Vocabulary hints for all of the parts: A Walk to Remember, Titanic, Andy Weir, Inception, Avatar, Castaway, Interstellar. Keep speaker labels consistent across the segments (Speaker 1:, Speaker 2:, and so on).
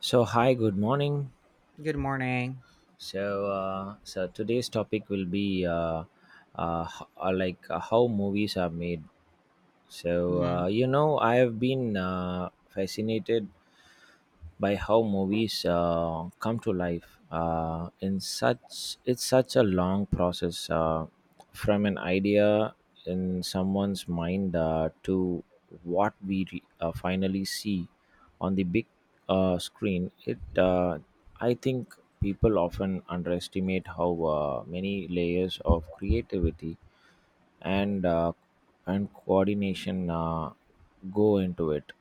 Speaker 1: So hi, good morning.
Speaker 2: Good morning.
Speaker 1: So today's topic will be how movies are made. So
Speaker 2: Mhm.
Speaker 1: uh, I have been fascinated by how movies come to life. In such It's such a long process from an idea in someone's mind to what we finally see on the big screen. It I think people often underestimate how many layers of creativity and uh, and coordination go into it.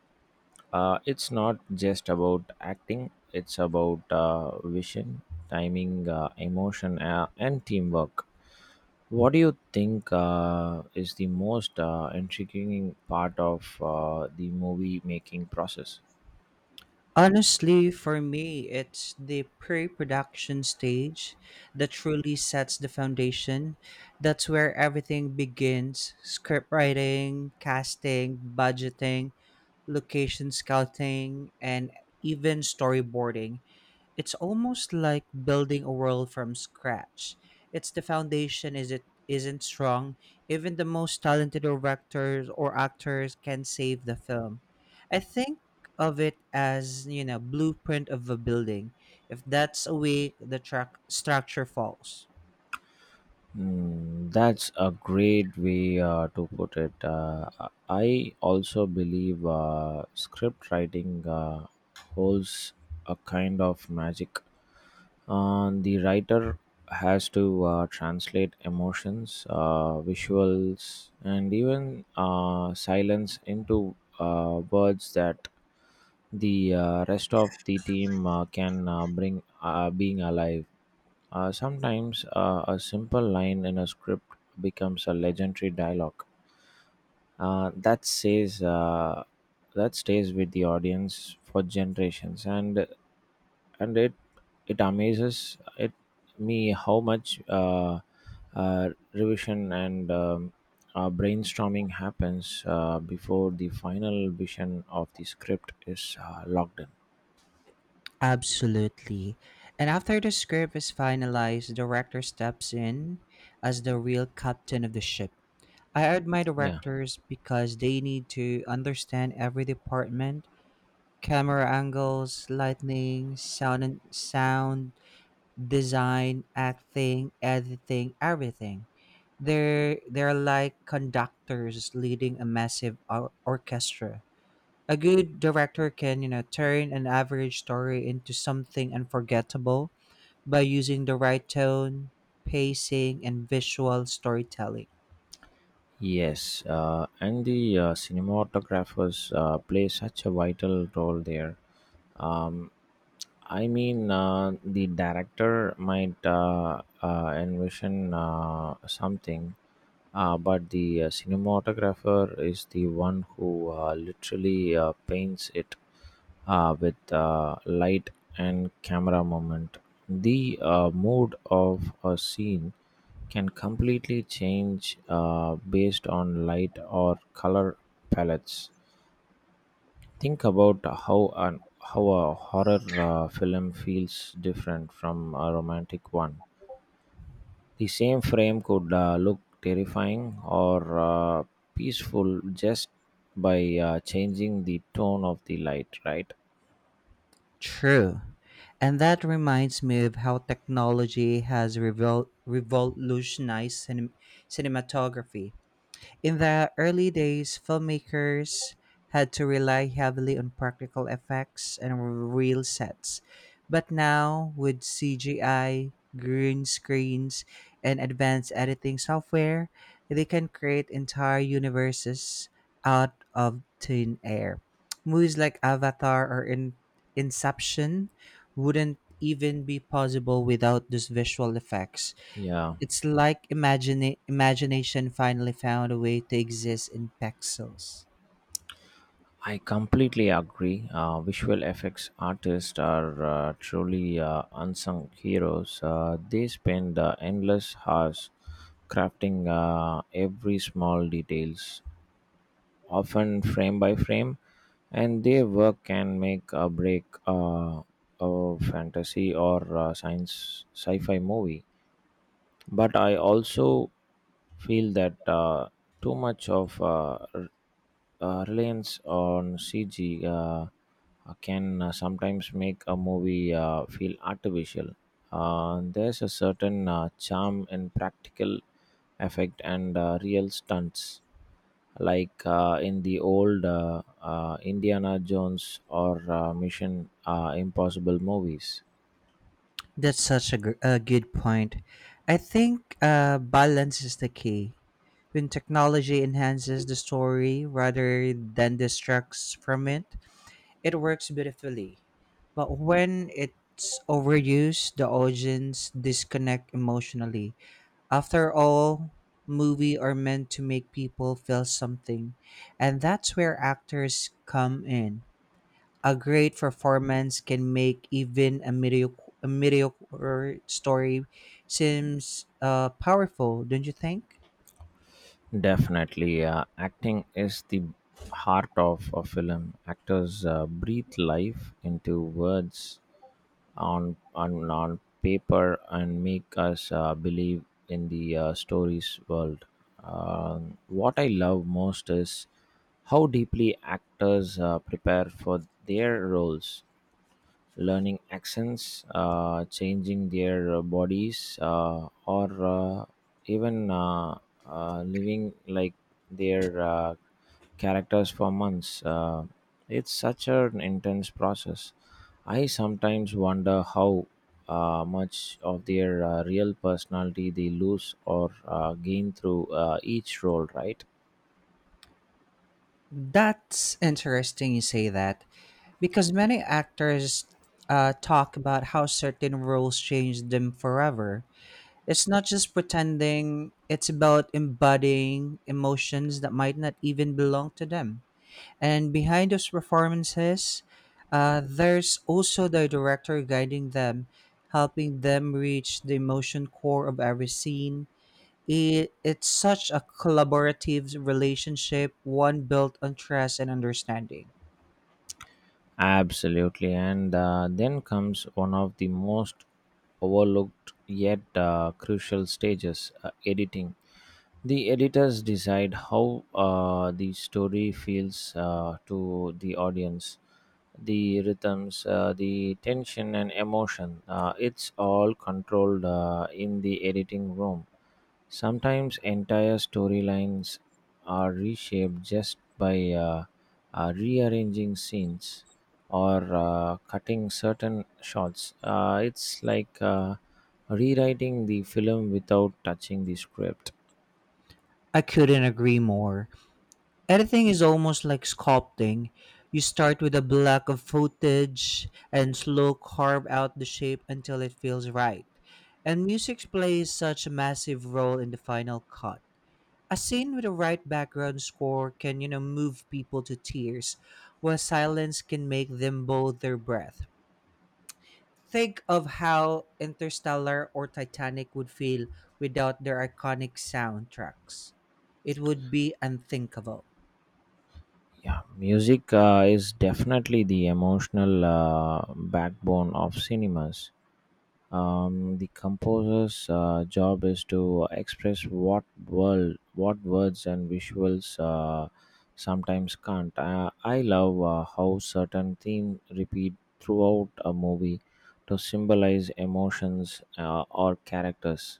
Speaker 1: It's not just about acting, it's about vision, timing, emotion, and teamwork. What do you think is the most intriguing part of the movie making process?
Speaker 2: Honestly, for me, it's the pre production stage that truly sets the foundation. That's where everything begins script writing, casting, budgeting, location scouting, and even storyboarding. It's almost like building a world from scratch. It's the foundation is it isn't strong, even the most talented directors or actors can save the film. I think of it as, you know, blueprint of a building. If that's away, the track structure falls.
Speaker 1: Mm, that's a great way to put it. I also believe script writing holds a kind of magic. The writer has to translate emotions, visuals, and even silence into words that the rest of the team can bring being alive. Sometimes a simple line in a script becomes a legendary dialogue uh, that says uh, that stays with the audience for generations, and it it amazes it me how much revision and brainstorming happens before the final vision of the script is locked in.
Speaker 2: Absolutely. And after the script is finalized, the director steps in as the real captain of the ship. I admire
Speaker 1: Yeah.
Speaker 2: directors because they need to understand every department, camera angles, lighting, sound and sound, design, acting, editing, everything. They're like conductors leading a massive orchestra. A good director can, you know, turn an average story into something unforgettable by using the right tone, pacing, and visual storytelling.
Speaker 1: Yes, and the cinematographers play such a vital role there. Um, I mean, the director might envision something, but the cinematographer is the one who literally paints it with light and camera movement. The mood of a scene can completely change based on light or color palettes. Think about how an how a horror film feels different from a romantic one. The same frame could look terrifying or peaceful just by changing the tone of the light, right?
Speaker 2: True. And that reminds me of how technology has revolutionized cinematography. In the early days, filmmakers had to rely heavily on practical effects and real sets. But now, with CGI, green screens, and advanced editing software, they can create entire universes out of thin air. Movies like Avatar or Inception wouldn't even be possible without those visual effects.
Speaker 1: Yeah.
Speaker 2: It's like imagine imagination finally found a way to exist in pixels.
Speaker 1: I completely agree. Visual effects artists are truly unsung heroes. They spend endless hours crafting every small details, often frame by frame, and their work can make or break a fantasy or science sci-fi movie, but I also feel that too much reliance on CG can sometimes make a movie feel artificial. There's a certain charm in practical effect and real stunts, like in the old Indiana Jones or Mission Impossible movies.
Speaker 2: That's such a, a good point. I think balance is the key. When technology enhances the story rather than distracts from it, it works beautifully. But when it's overused, the audience disconnect emotionally. After all, movies are meant to make people feel something, and that's where actors come in. A great performance can make even a mediocre story seems powerful, don't you think?
Speaker 1: Definitely, acting is the heart of a film. Actors breathe life into words on paper and make us believe in the story's world. What I love most is how deeply actors prepare for their roles, learning accents, changing their bodies, or even living like their characters for months. It's such an intense process. I sometimes wonder how much of their real personality they lose or gain through each role, right?
Speaker 2: That's interesting you say that because many actors talk about how certain roles changed them forever. It's not just pretending, it's about embodying emotions that might not even belong to them. And behind those performances, there's also the director guiding them, helping them reach the emotion core of every scene. It's such a collaborative relationship, one built on trust and understanding.
Speaker 1: Absolutely, and then comes one of the most overlooked yet crucial stages, editing. The editors decide how the story feels to the audience, the rhythms, the tension, and emotion. It's all controlled in the editing room. Sometimes entire storylines are reshaped just by rearranging scenes or cutting certain shots. It's like rewriting the film without touching the script.
Speaker 2: I couldn't agree more. Editing is almost like sculpting. You start with a block of footage and slow carve out the shape until it feels right. And music plays such a massive role in the final cut. A scene with the right background score can, you know, move people to tears, while silence can make them hold their breath. Think of how Interstellar or Titanic would feel without their iconic soundtracks. It would be unthinkable.
Speaker 1: Yeah, music is definitely the emotional backbone of cinemas. The composer's job is to express what words and visuals sometimes can't. I love how certain themes repeat throughout a movie to symbolize emotions or characters,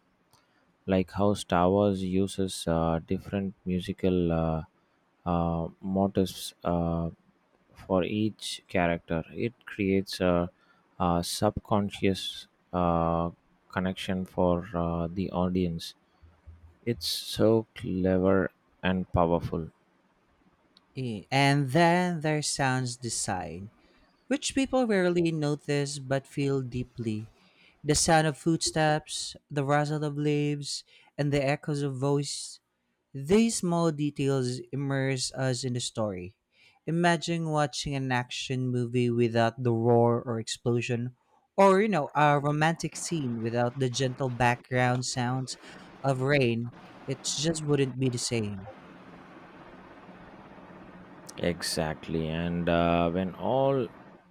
Speaker 1: like how Star Wars uses different musical motifs for each character. It creates a subconscious uh, connection for the audience. It's so clever and powerful.
Speaker 2: Eh, and then there sounds design, which people rarely notice but feel deeply. The sound of footsteps, the rustle of leaves, and the echoes of voice. These small details immerse us in the story. Imagine watching an action movie without the roar or explosion, or, you know, a romantic scene without the gentle background sounds of rain. It just wouldn't be the same.
Speaker 1: Exactly. And when all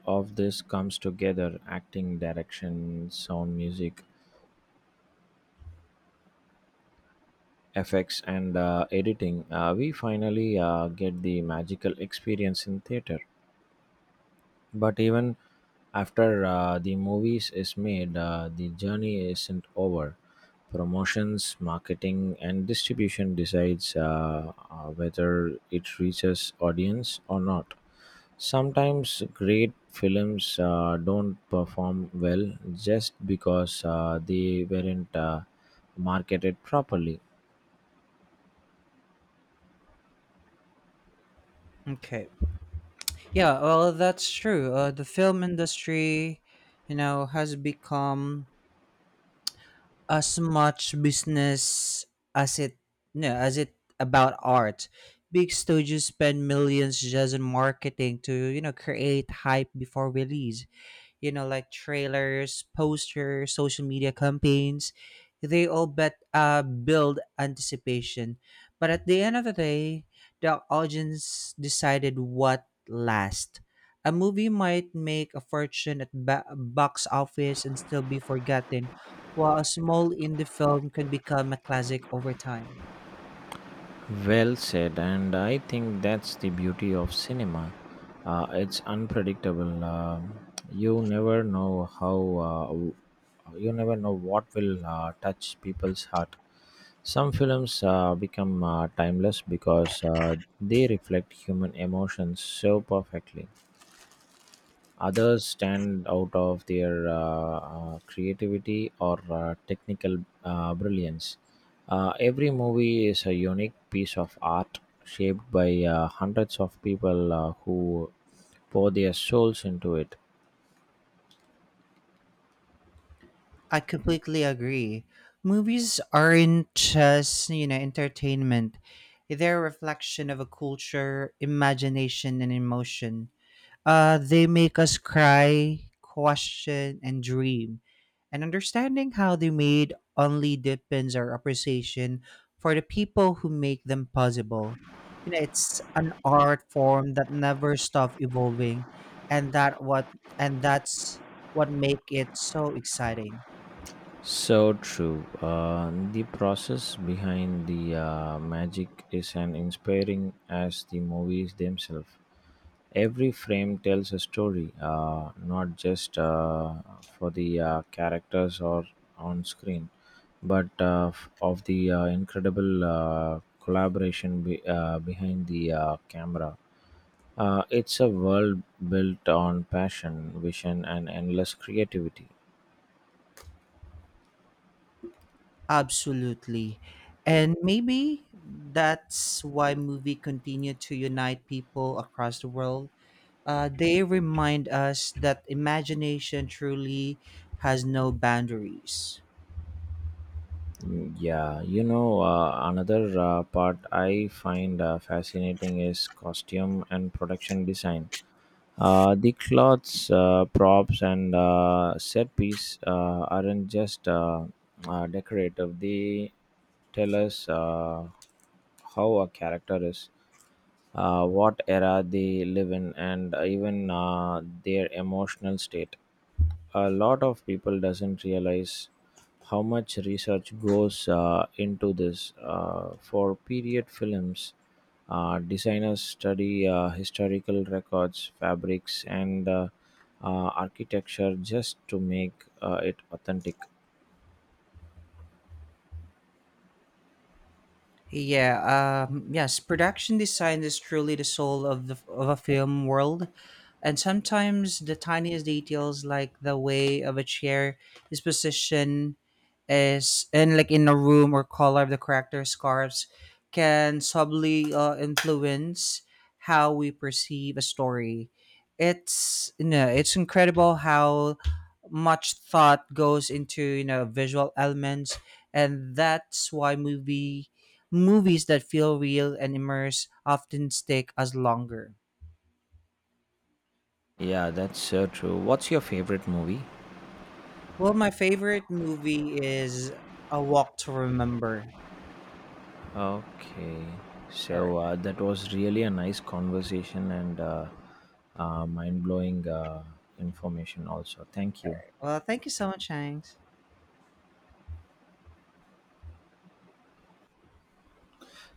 Speaker 1: of this comes together, acting, direction, sound, music, effects, and editing, we finally get the magical experience in theater. But even after the movies is made, the journey isn't over. Promotions, marketing, and distribution decides whether it reaches audience or not. Sometimes great films don't perform well just because they weren't marketed properly.
Speaker 2: Okay. Yeah, well, that's true. The film industry, you know, has become as much business as it, no, as it about art. Big studios spend millions just in marketing to, you know, create hype before release you know, like trailers, posters, social media campaigns. They all bet build anticipation. But at the end of the day, the audience decided what last. A movie might make a fortune at box office and still be forgotten, while a small indie film could become a classic over time.
Speaker 1: Well said, and I think that's the beauty of cinema. It's unpredictable. You never know how. Uh, w- you never know what will touch people's heart. Some films become timeless because they reflect human emotions so perfectly. Others stand out of their creativity or technical brilliance. Every movie is a unique piece of art shaped by hundreds of people who pour their souls into it.
Speaker 2: I completely agree. Movies aren't just, you know, entertainment. They're a reflection of a culture, imagination, and emotion. They make us cry, question, and dream. And understanding how they made only deepens our appreciation for the people who make them possible. You know, it's an art form that never stops evolving, and that's what make it so exciting.
Speaker 1: So true. The process behind the magic is as inspiring as the movies themselves. Every frame tells a story, not just for the characters or on screen, but of the incredible collaboration behind the camera. It's a world built on passion, vision, and endless creativity.
Speaker 2: Absolutely. And maybe that's why movie continue to unite people across the world. They remind us that imagination truly has no boundaries.
Speaker 1: Mm, yeah, another part I find fascinating is costume and production design. The clothes, props, and set piece aren't just decorative, they tell us how a character is, what era they live in, and even their emotional state. A lot of people doesn't realize how much research goes into this for period films. Designers study historical records, fabrics, and architecture just to make it authentic.
Speaker 2: Yeah, yes, production design is truly the soul of the of a film world, and sometimes the tiniest details, like the way of a chair is positioned, is and like in a room or color of the character scarves, can subtly influence how we perceive a story. It's you know, it's incredible how much thought goes into you know visual elements, and that's why Movies that feel real and immerse often stick as longer.
Speaker 1: Yeah, that's so true. What's your favorite movie?
Speaker 2: Well, my favorite movie is A Walk to Remember.
Speaker 1: Okay,
Speaker 2: All right.
Speaker 1: so that was really a nice conversation and mind blowing information, also. Thank you.
Speaker 2: Well, thank you so much, Hanks.